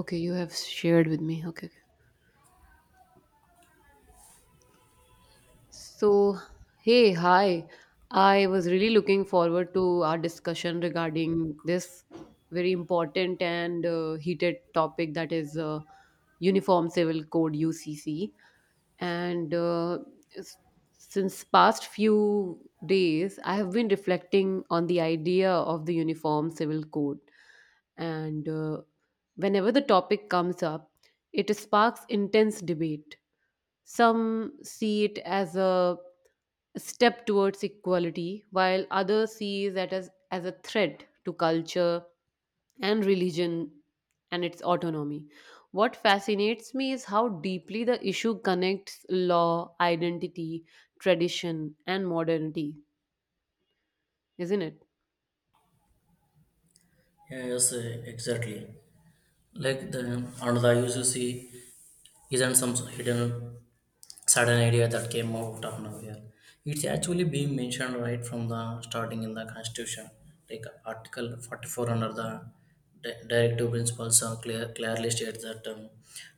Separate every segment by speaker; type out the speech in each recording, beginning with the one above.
Speaker 1: Okay, you have shared with me. Okay, okay. So, hey, hi. I was really looking forward to our discussion regarding this very important and heated topic, that is Uniform Civil Code, UCC. And uh, s- since past few days, I have been reflecting on the idea of the Uniform Civil Code. And Whenever the topic comes up, it sparks intense debate. Some see it as a step towards equality, while others see that as a threat to culture and religion and its autonomy. What fascinates me is how deeply the issue connects law, identity, tradition, and modernity, isn't it?
Speaker 2: Yeah, Yes, exactly. Like the another use you see isn't some hidden sudden idea that came out of nowhere. It's actually being mentioned right from the starting in the constitution. Like Article 44 under the directive principles are clearly states that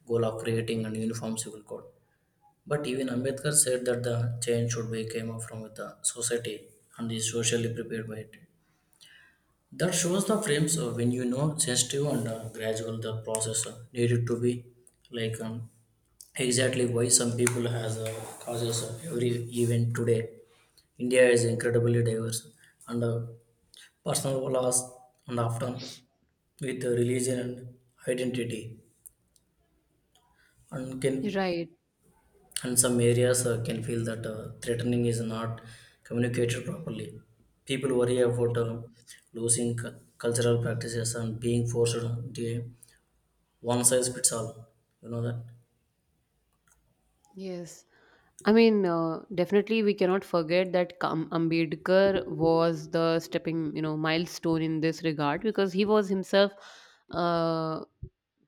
Speaker 2: goal of creating an uniform civil code. But even Ambedkar said that the change should be came up from with the society and is socially prepared by it. That shows the frames when you know sensitive and gradual the process needed to be like exactly why some people has causes of every event today. India is incredibly diverse and personal laws and often with religion and identity and can
Speaker 1: Right.
Speaker 2: and some areas can feel that threatening is not communicated properly. People worry about losing cultural practices and being forced to one size fits all. You know that?
Speaker 1: Yes. I mean, definitely we cannot forget that Ambedkar was the stepping, you know, milestone in this regard, because he was himself uh,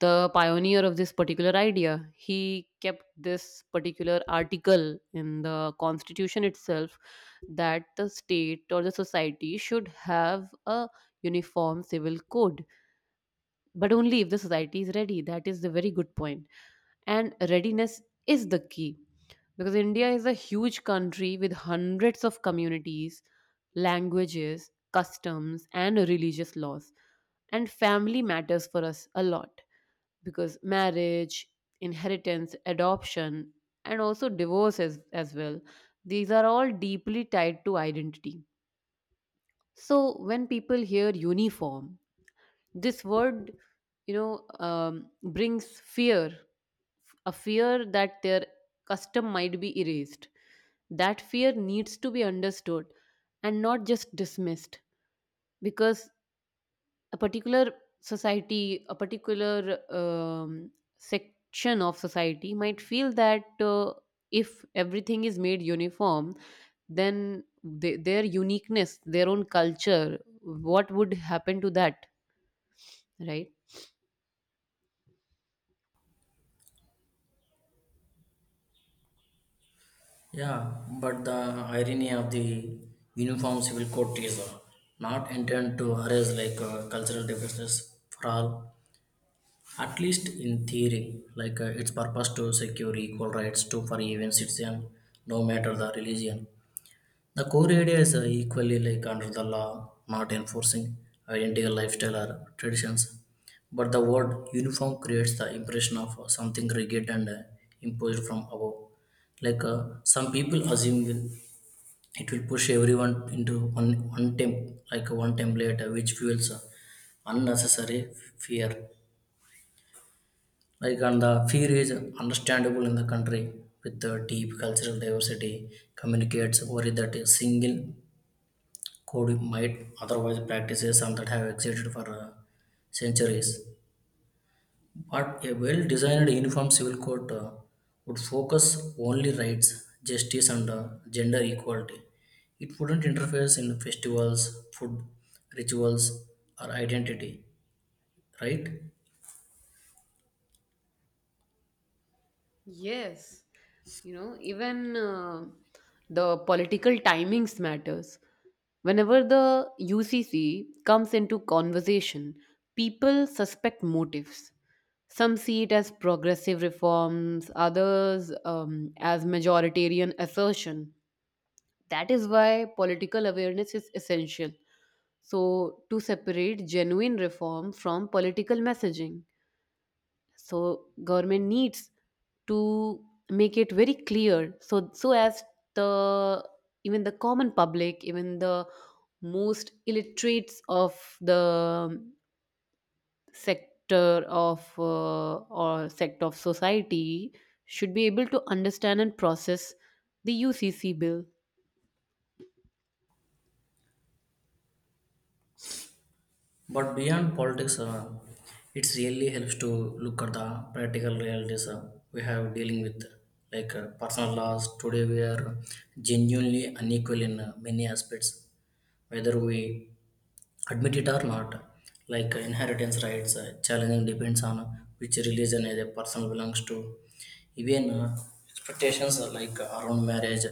Speaker 1: the pioneer of this particular idea. He kept this particular article in the constitution itself, that the state or the society should have a uniform civil code, but only if the society is ready. That is the very good point, and readiness is the key, because India is a huge country with hundreds of communities, languages, customs, and religious laws. And family matters for us a lot, because marriage, inheritance, adoption, and also divorce as well, these are all deeply tied to identity. So when people hear uniform, this word, brings fear, a fear that their custom might be erased, that fear needs to be understood and not just dismissed, because a particular society, a particular section of society might feel that if everything is made uniform, then they, their uniqueness, their own culture, what would happen to that, right?
Speaker 2: Yeah, but the irony of the Uniform Civil Code is not intended to erase like cultural differences for all, at least in theory. Like its purpose to secure equal rights to for even citizen, no matter the religion. The core ideas are equally like under the law, not enforcing identical lifestyle or traditions, but the word uniform creates the impression of something rigid and imposed from above. Like some people assume will, it will push everyone into like one template, which fuels unnecessary fear. Like and the fear is understandable in the country with the deep cultural diversity, communicates worry that a single coding might otherwise practices and that have existed for centuries. But a well-designed uniform civil code would focus only rights, justice, and gender equality. It wouldn't interfere in festivals, food, rituals, or identity, right?
Speaker 1: Yes, you know, even the political timings matters. Whenever the UCC comes into conversation, people suspect motives. Some see it as progressive reforms, others as majoritarian assertion. That is why political awareness is essential. So, to separate genuine reform from political messaging, so government needs to make it very clear, so so as the, even the common public, even the most illiterates of the sector of or sector of society should be able to understand and process the UCC bill.
Speaker 2: But beyond politics, it really helps to look at the practical realities we have dealing with, like personal laws. Today, we are genuinely unequal in many aspects, whether we admit it or not like inheritance rights challenging depends on which religion a person belongs to even expectations are like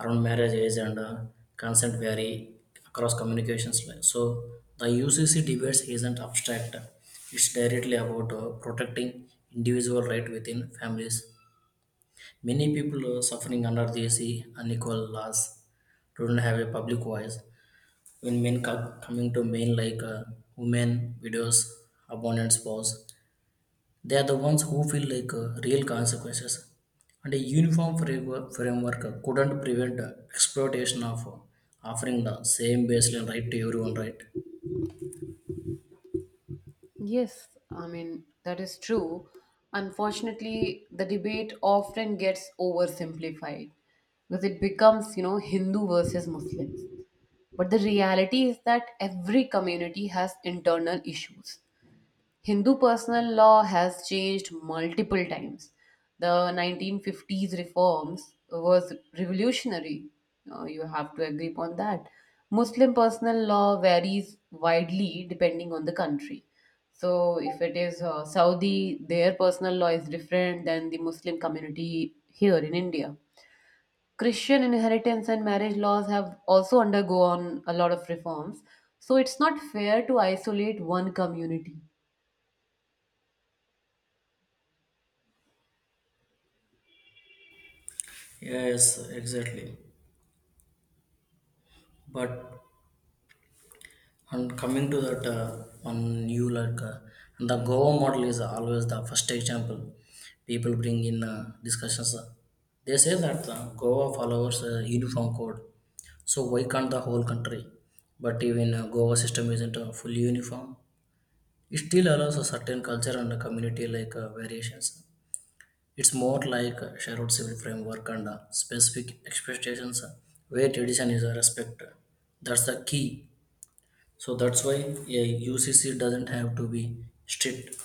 Speaker 2: around marriage age and consent vary across communications. Like, so the ucc debates isn't abstract, it's directly about protecting individual right within families, many people suffering under these unequal laws don't have a public voice when men coming to men like women, widows, abandoned spouse, they are the ones who feel like real consequences. And a uniform framework couldn't prevent exploitation of offering the same baseline right to everyone, right?
Speaker 1: Yes, I mean, that is true. Unfortunately, the debate often gets oversimplified because it becomes, you know, Hindu versus Muslims. But the reality is that every community has internal issues. Hindu personal law has changed multiple times. The 1950s reforms was revolutionary. You have to agree upon that. Muslim personal law varies widely depending on the country. So, if it is Saudi, their personal law is different than the Muslim community here in India. Christian inheritance and marriage laws have also undergone a lot of reforms. So, it's not fair to isolate one community.
Speaker 2: Yes, exactly. But and coming to that one new like and the Goa model is always the first example people bring in discussions. They say that Goa follows a uniform code. So why can't the whole country? But even Goa system isn't fully uniform. It still allows a certain culture and a community like variations. It's more like a shared civil framework and specific expectations where tradition is respected. That's the key. So that's why a UCC doesn't have to be strict,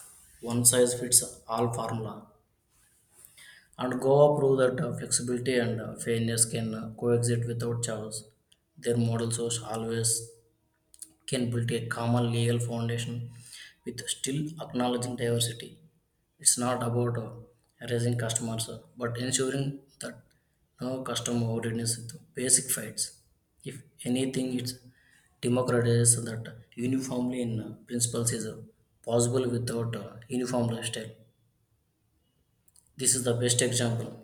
Speaker 2: one size fits all formula. And Goa prove that flexibility and fairness can coexist without chaos. Their model shows always can build a common legal foundation with still acknowledging diversity. It's not about raising customers, but ensuring that no customer ordinance with basic fights. If anything, it's democratizes that uniformly in principles is possible without uniform lifestyle. This is the best example.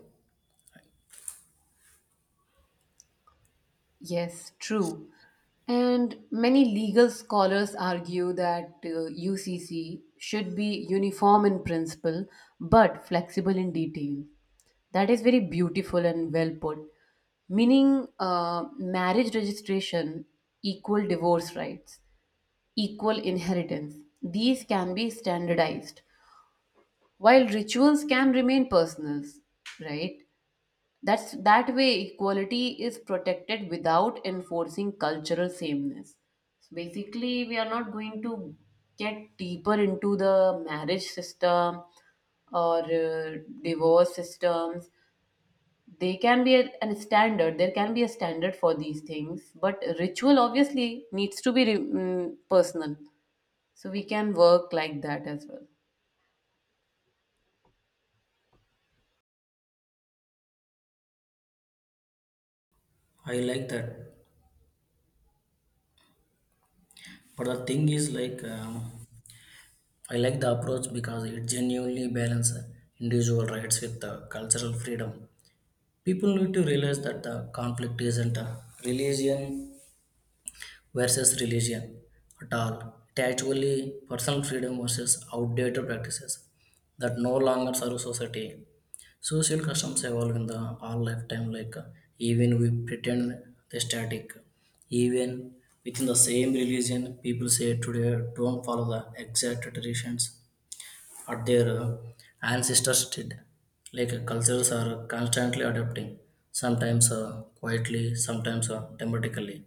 Speaker 1: Yes, true. And many legal scholars argue that UCC should be uniform in principle but flexible in detail. That is very beautiful and well put. Meaning, marriage registration, equal divorce rights, equal inheritance. These can be standardized, while rituals can remain personal, right? That's that way equality is protected without enforcing cultural sameness. So basically, we are not going to get deeper into the marriage system or divorce systems. They can be a standard. There can be a standard for these things, but ritual obviously needs to be personal. So we can work like that as well.
Speaker 2: I like that. But the thing is like I like the approach because it genuinely balances individual rights with the cultural freedom. People need to realize that the conflict isn't a religion versus religion at all. It actually personal freedom versus outdated practices that no longer serve society. Social customs evolve in the all lifetime, like even we pretend they're static. Even within the same religion, people say today don't follow the exact traditions what their ancestors did. Like cultures are constantly adapting, sometimes quietly, sometimes dramatically.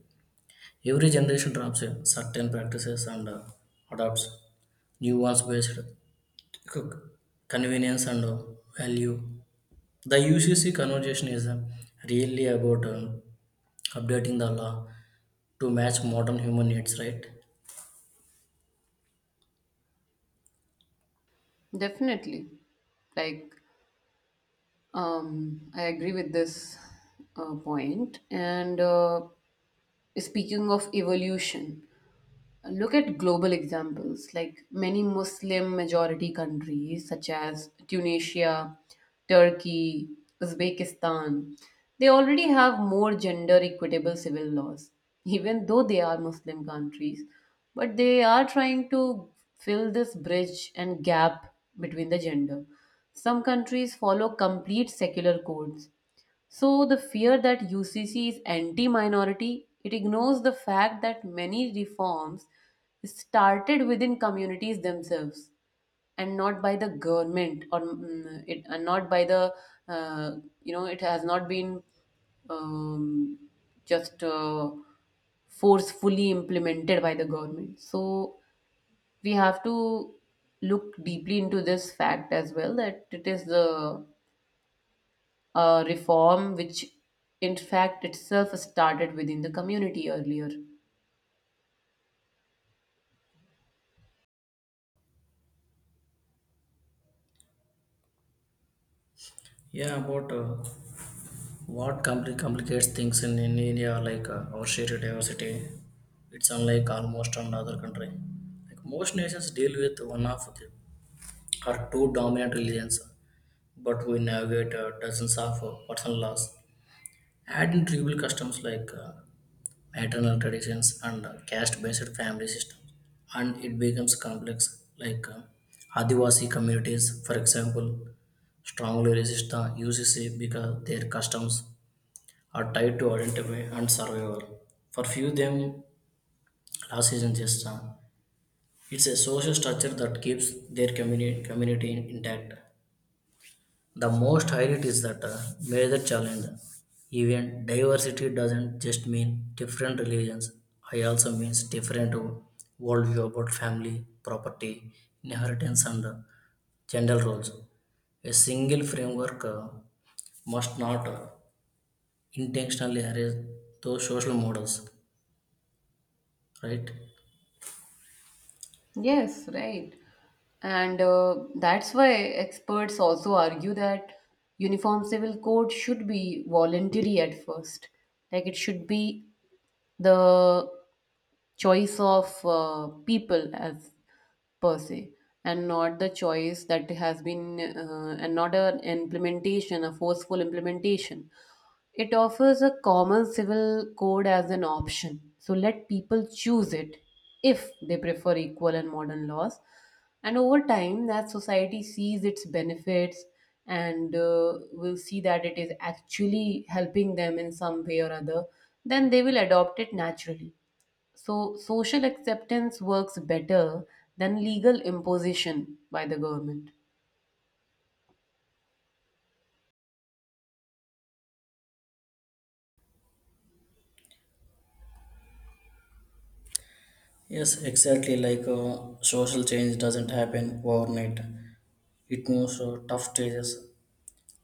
Speaker 2: Every generation drops in certain practices and adopts new ones based on convenience and value. The UCC conversation is really about updating the law to match modern human needs, right?
Speaker 1: Definitely, like I agree with this point. And Speaking of evolution, look at global examples like many Muslim majority countries such as Tunisia, Turkey, Uzbekistan. They already have more gender equitable civil laws, even though they are Muslim countries. But they are trying to fill this bridge and gap between the gender. Some countries follow complete secular codes, so, the fear that UCC is anti minority, it ignores the fact that many reforms started within communities themselves, and not by the government it, and not by the uh, it has not been um, just forcefully implemented by the government, so we have to look deeply into this fact as well, that it is the a reform, which in fact itself started within the community earlier.
Speaker 2: Yeah, about what complicates things in India, like our shared diversity, it's unlike almost on other country. Like most nations deal with one of the or two dominant religions, but we navigate dozens of personal laws. Add in tribal customs like maternal traditions and caste-based family systems, and it becomes complex. Like Adivasi communities, for example, strongly resist the UCC because their customs are tied to identity and survival. For few, them loss isn't just it's a social structure that keeps their community intact. The most highlight is that major challenge. Even diversity doesn't just mean different religions. I also means different worldview about family, property, inheritance, and gender roles. A single framework must not intentionally erase those social models, right?
Speaker 1: Yes, right. And That's why experts also argue that uniform civil code should be voluntary at first. Like it should be the choice of people as per se, and not the choice that has been and not an implementation, a forceful implementation. It offers a common civil code as an option, so let people choose it if they prefer equal and modern laws, and over time that society sees its benefits, and will see that it is actually helping them in some way or other, then they will adopt it naturally. So, social acceptance works better than legal imposition by the government.
Speaker 2: Yes, exactly. Like social change doesn't happen overnight. It moves through tough stages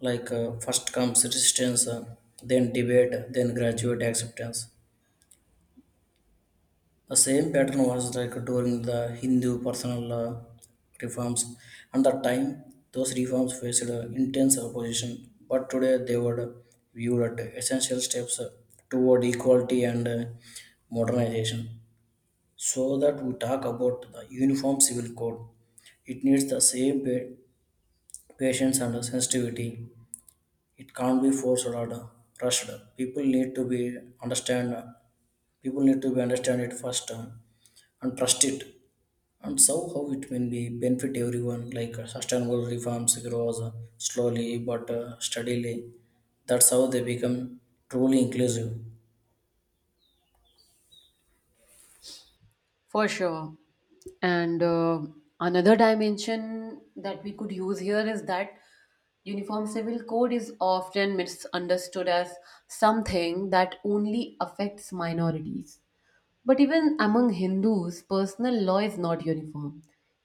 Speaker 2: like first comes resistance then debate then graduate acceptance, the same pattern was like during the hindu personal reforms, and that time those reforms faced intense opposition but today they were viewed as essential steps toward equality and modernization. So that we talk about the uniform civil code, it needs the same patience and sensitivity. It can't be forced or rushed. People need to be understand. People need to be understand it first and trust it. And so how it will be benefit everyone. Like sustainable reforms grows slowly but steadily. That's how they become truly inclusive.
Speaker 1: For sure. And Another dimension that we could use here is that uniform civil code is often misunderstood as something that only affects minorities. But even among Hindus, personal law is not uniform.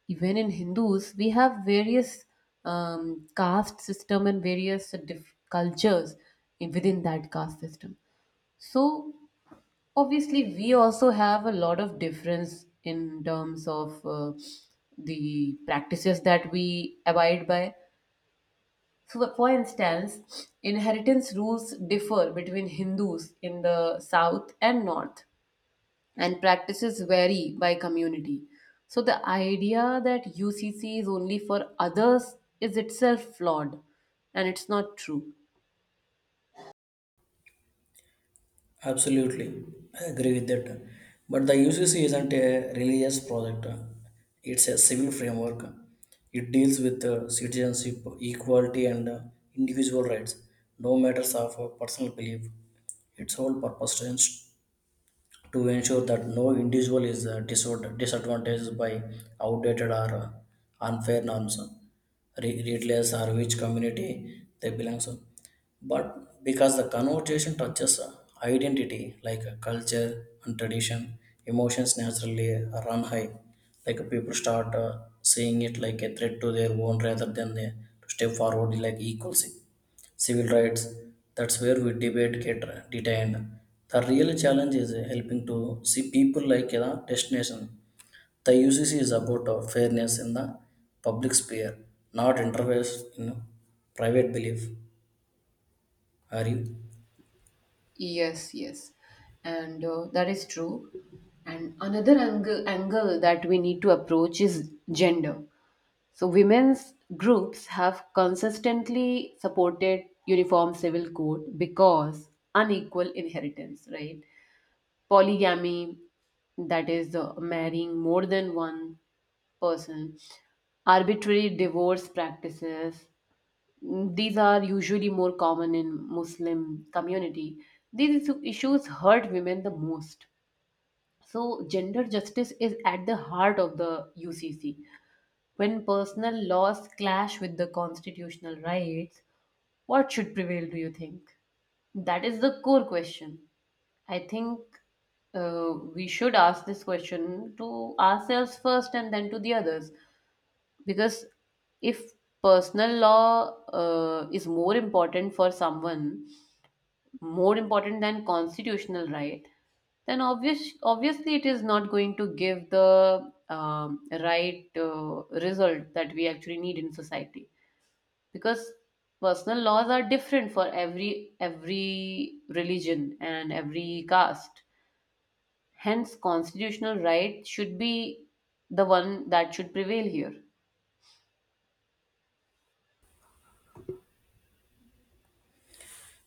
Speaker 1: Even in Hindus, we have various caste system and various cultures within that caste system. So obviously, we also have a lot of difference in terms of the practices that we abide by. So, for instance, inheritance rules differ between Hindus in the south and north, and practices vary by community. So, the idea that UCC is only for others is itself flawed, and it's not true.
Speaker 2: Absolutely, I agree with that. But the UCC isn't a religious project, it's a civil framework. It deals with citizenship, equality, and individual rights, no matters of personal belief. Its whole purpose is to ensure that no individual is disadvantaged by outdated or unfair norms, regardless or which community they belong to. But because the conversation touches identity, like culture and tradition, emotions naturally run high. Like people start seeing it like a threat to their own rather than a, to step forward like equals civil rights. That's where we debate get detained. The real challenge is helping to see people like a destination. The UCC is about fairness in the public sphere, not interference in private belief. Are you?
Speaker 1: Yes, yes. And That is true. And another angle that we need to approach is gender. So, women's groups have consistently supported uniform civil code because unequal inheritance, right? Polygamy, that is marrying more than one person, arbitrary divorce practices, mm, these are usually more common in Muslim community. These issues hurt women the most. So gender justice is at the heart of the UCC. When personal laws clash with the constitutional rights, what should prevail, do you think? That is the core question. I think we should ask this question to ourselves first and then to the others. Because if personal law is more important for someone, more important than constitutional right, then obviously it is not going to give the right result that we actually need in society, because personal laws are different for every religion and every caste, hence constitutional right should be the one that should prevail here.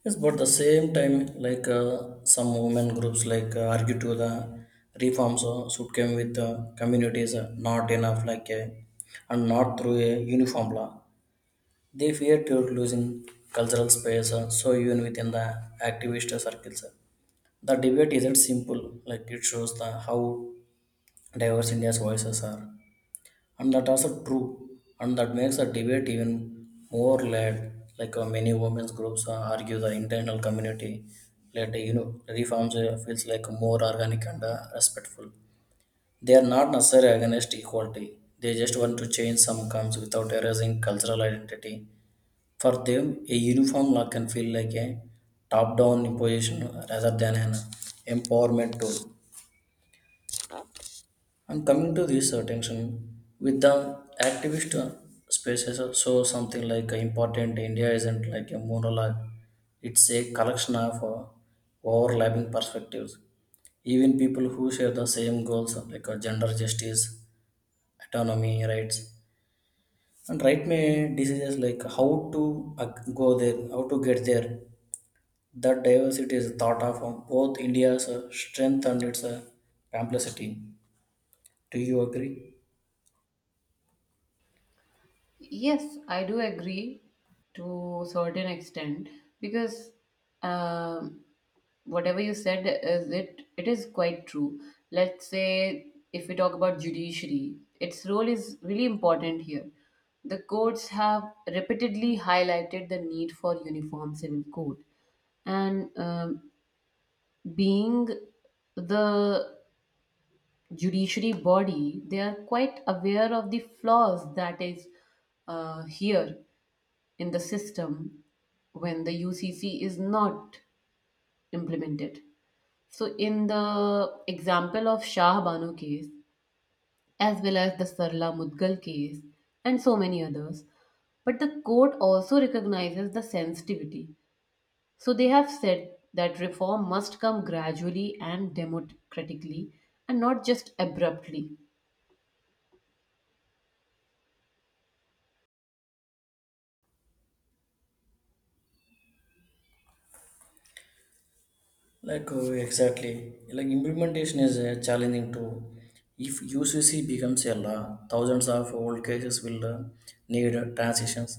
Speaker 2: Yes, but the same time, like some women groups like argue to the reforms should come with communities not enough like and not through a uniform law. They fear to losing cultural space, so even within the activist circles, the debate isn't simple. Like it shows the how diverse India's voices are, and that also true, and that makes the debate even more led. Like many women's groups argue, the internal community led you know reforms feels like more organic and respectful. They are not necessarily against equality. They just want to change some comes without erasing cultural identity for them, a uniform law can feel like a top-down imposition rather than an empowerment tool. And coming to this tension with the activist spaces, so something like important India isn't like a monologue; it's a collection of overlapping perspectives. Even people who share the same goals like gender justice, autonomy, rights, and right may decisions like how to go there, how to get there. That diversity is thought of on both India's strength and its complexity. Do you agree?
Speaker 1: Yes, I do agree to certain extent, because um, whatever you said is it is quite true. Let's say if we talk about judiciary, its role is really important here. The courts have repeatedly highlighted the need for uniform civil code, and being the judiciary body, they are quite aware of the flaws that is here in the system when the UCC is not implemented. So, in the example of Shah Banu case, as well as the Sarla Mudgal case, and so many others, but the court also recognizes the sensitivity. So, they have said that reform must come gradually and democratically, and not just abruptly.
Speaker 2: Like exactly, like implementation is challenging too. If UCC becomes a law, thousands of old cases will need transitions.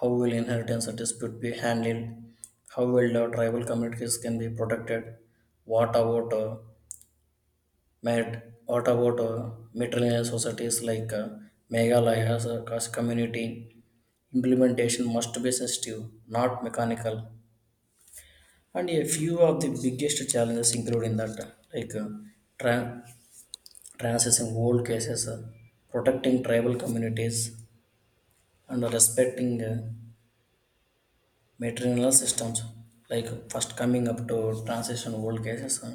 Speaker 2: How will inheritance dispute be handled? How will tribal communities can be protected? What about Matt, what about uh, matrilineal societies like Meghalaya as a cross community? Implementation must be sensitive, not mechanical. And a few of the biggest challenges include in that, like tra- transessing old cases, protecting tribal communities, and respecting maternal systems like first coming up to transition world cases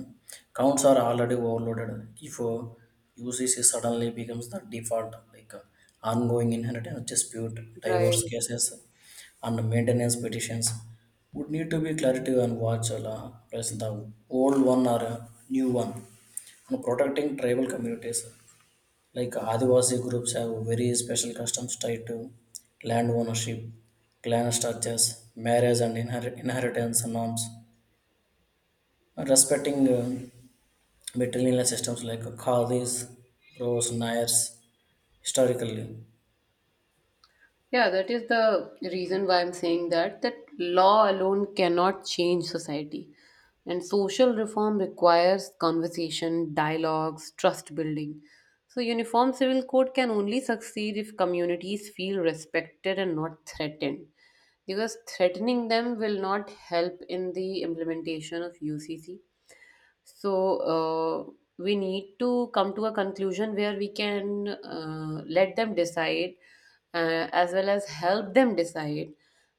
Speaker 2: counts are already overloaded if ucc suddenly becomes the default like ongoing inheritance dispute,
Speaker 1: Right.
Speaker 2: divorce cases, and maintenance petitions would need to be clarity and watch press the old one or new one, and protecting tribal communities like Adivasi groups have very special customs tied to land ownership, clan structures, marriage and inheritance norms. Respecting matrilineal systems like Khadis, Rose, Nayars, historically.
Speaker 1: Yeah, that is the reason why I'm saying that that law alone cannot change society. And social reform requires conversation, dialogues, trust building. So uniform civil code can only succeed if communities feel respected and not threatened. Because threatening them will not help in the implementation of UCC. So we need to come to a conclusion where we can let them decide, as well as help them decide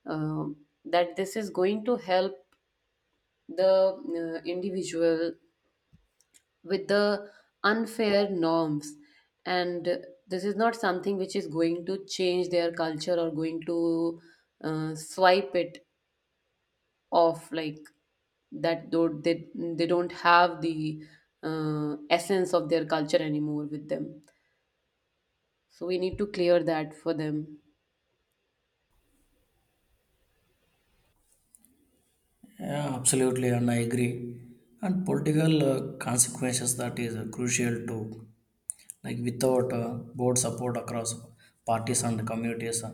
Speaker 1: um that this is going to help the individual with the unfair norms, and this is not something which is going to change their culture or going to swipe it of, like that though they don't have the essence of their culture anymore with them, so we need to clear that for them,
Speaker 2: Yeah, absolutely, and I agree. And political consequences that is crucial too. Like without broad support across parties and communities,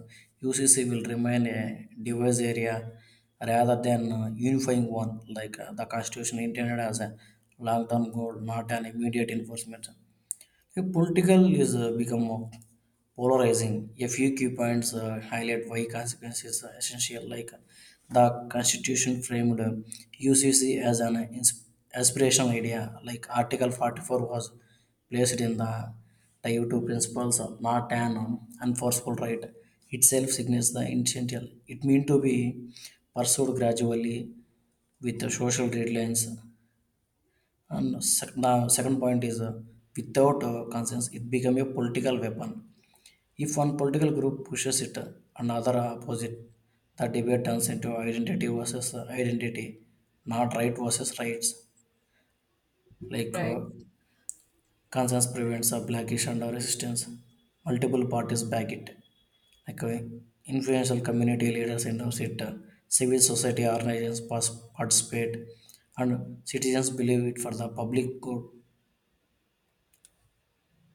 Speaker 2: UCC will remain a diverse area rather than unifying one. Like the Constitution intended as a long-term goal, not an immediate enforcement. Yeah, Political is become more polarizing. A few key points highlight why consequences are essential, like the Constitution framed UCC as an aspirational idea, like Article 44 was placed in the TIU2 principles, not an enforceable right. Itself signals the intention. It means to be pursued gradually with the social deadlines. And the second point is without conscience, it become a political weapon. If one political group pushes it, another opposite, the debate turns into identity versus identity, not right versus rights. Like
Speaker 1: right?
Speaker 2: conscience prevents a blackish and a resistance. Multiple parties back it. Like influential community leaders endorse it, civil society organizations participate, and citizens believe it for the public good.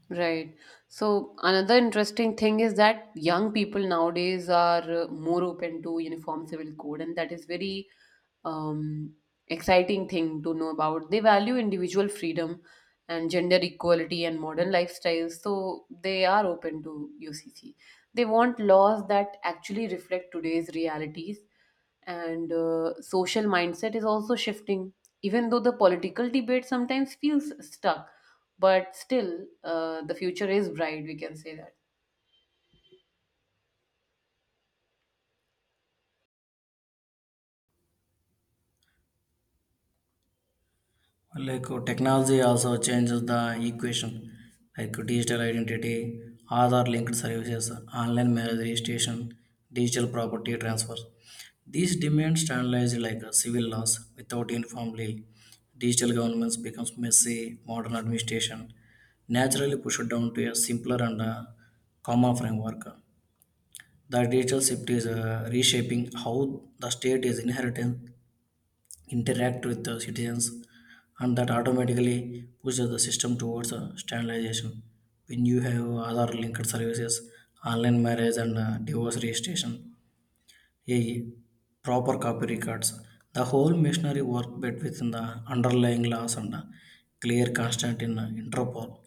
Speaker 1: Right. So another interesting thing is that young people nowadays are more open to uniform civil code, and that is very um, exciting thing to know about. They value individual freedom and gender equality and modern lifestyles, so they are open to UCC. They want laws that actually reflect today's realities, and social mindset is also shifting, even though the political debate sometimes feels stuck, but still the future is bright, we can say that.
Speaker 2: Like technology also changes the equation, like digital identity, other linked services, online marriage registration, digital property transfer, these demand standardized like civil laws without uniform legal, digital governments becomes messy, modern administration naturally pushed down to a simpler and common framework. The digital shift is reshaping how the state is inheriting interact with the citizens, and that automatically pushes the system towards standardization. When you have other linked services, online marriage and divorce registration, a proper copy records, the whole machinery work bet within the underlying laws and clear constant in Interpol.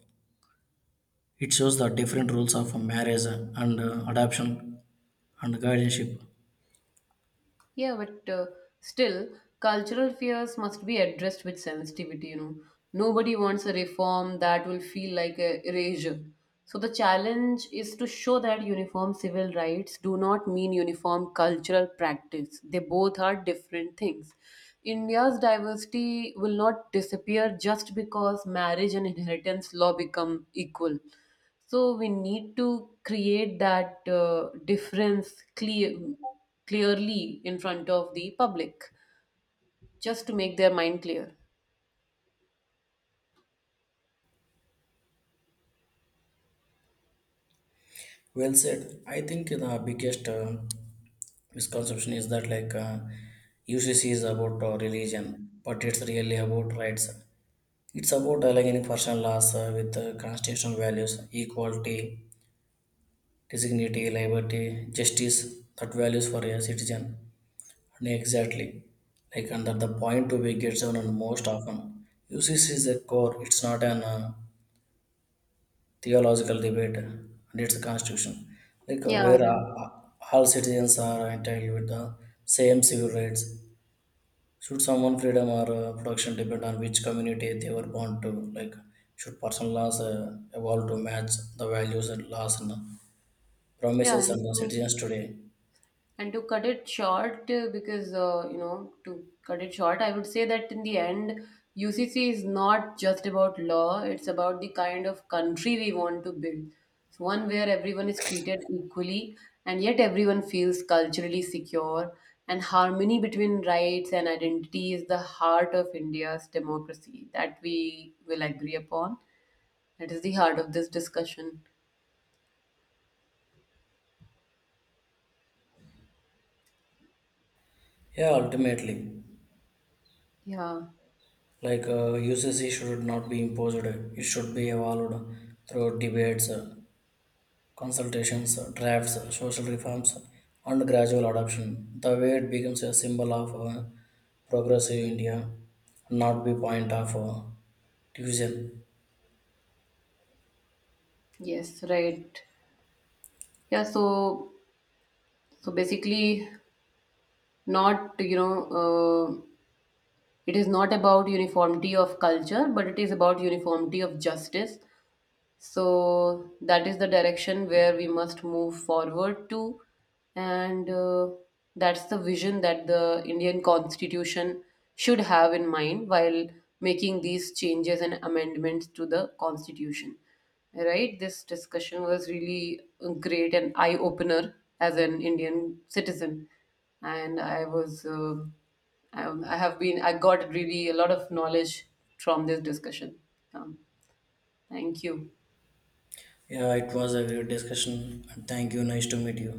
Speaker 2: It shows the different rules of marriage and adoption and guardianship.
Speaker 1: Yeah, but still, cultural fears must be addressed with sensitivity, you know. Nobody wants a reform that will feel like a erasure. So the challenge is to show that uniform civil rights do not mean uniform cultural practice. They both are different things. India's diversity will not disappear just because marriage and inheritance law become equal. So we need to create that difference clear, clearly in front of the public, just to make their mind clear.
Speaker 2: Well said. I think the biggest misconception is that like UCC is about religion, but it's really about rights. It's about aligning personal laws with constitutional values, equality, dignity, liberty, justice, that values for a citizen. And exactly, like under the point to be gets on and most often. UCC is a core. It's not an theological debate and its constitution. Like
Speaker 1: Yeah,
Speaker 2: where
Speaker 1: right.
Speaker 2: all citizens are entitled with the same civil rights. Should someone freedom or production depend on which community they were born to? Like should personal laws evolve to match the values and laws and
Speaker 1: yeah,
Speaker 2: promises
Speaker 1: and
Speaker 2: and the
Speaker 1: to
Speaker 2: citizens today?
Speaker 1: And to cut it short, to cut it short, I would say that in the end, UCC is not just about law, it's about the kind of country we want to build. It's one where everyone is treated equally, and yet everyone feels culturally secure, and harmony between rights and identity is the heart of India's democracy. That we will agree upon. That is the heart of this discussion.
Speaker 2: Yeah, ultimately,
Speaker 1: Yeah,
Speaker 2: like UCC should not be imposed. It should be evolved through debates. Consultations, drafts, social reforms, and gradual adoption. The way it becomes a symbol of progressive India, not the point of division.
Speaker 1: yes, right. Yeah, so so basically, not, you know, uh, it is not about uniformity of culture, but it is about uniformity of justice, so that is the direction where we must move forward to, and that's the vision that the Indian Constitution should have in mind while making these changes and amendments to the Constitution. Right? This discussion was really great and eye opener as an Indian citizen, and I was. I have been, I got really a lot of knowledge from this discussion. Um, Thank you.
Speaker 2: Yeah, it was a great discussion. Thank you. Nice to meet you.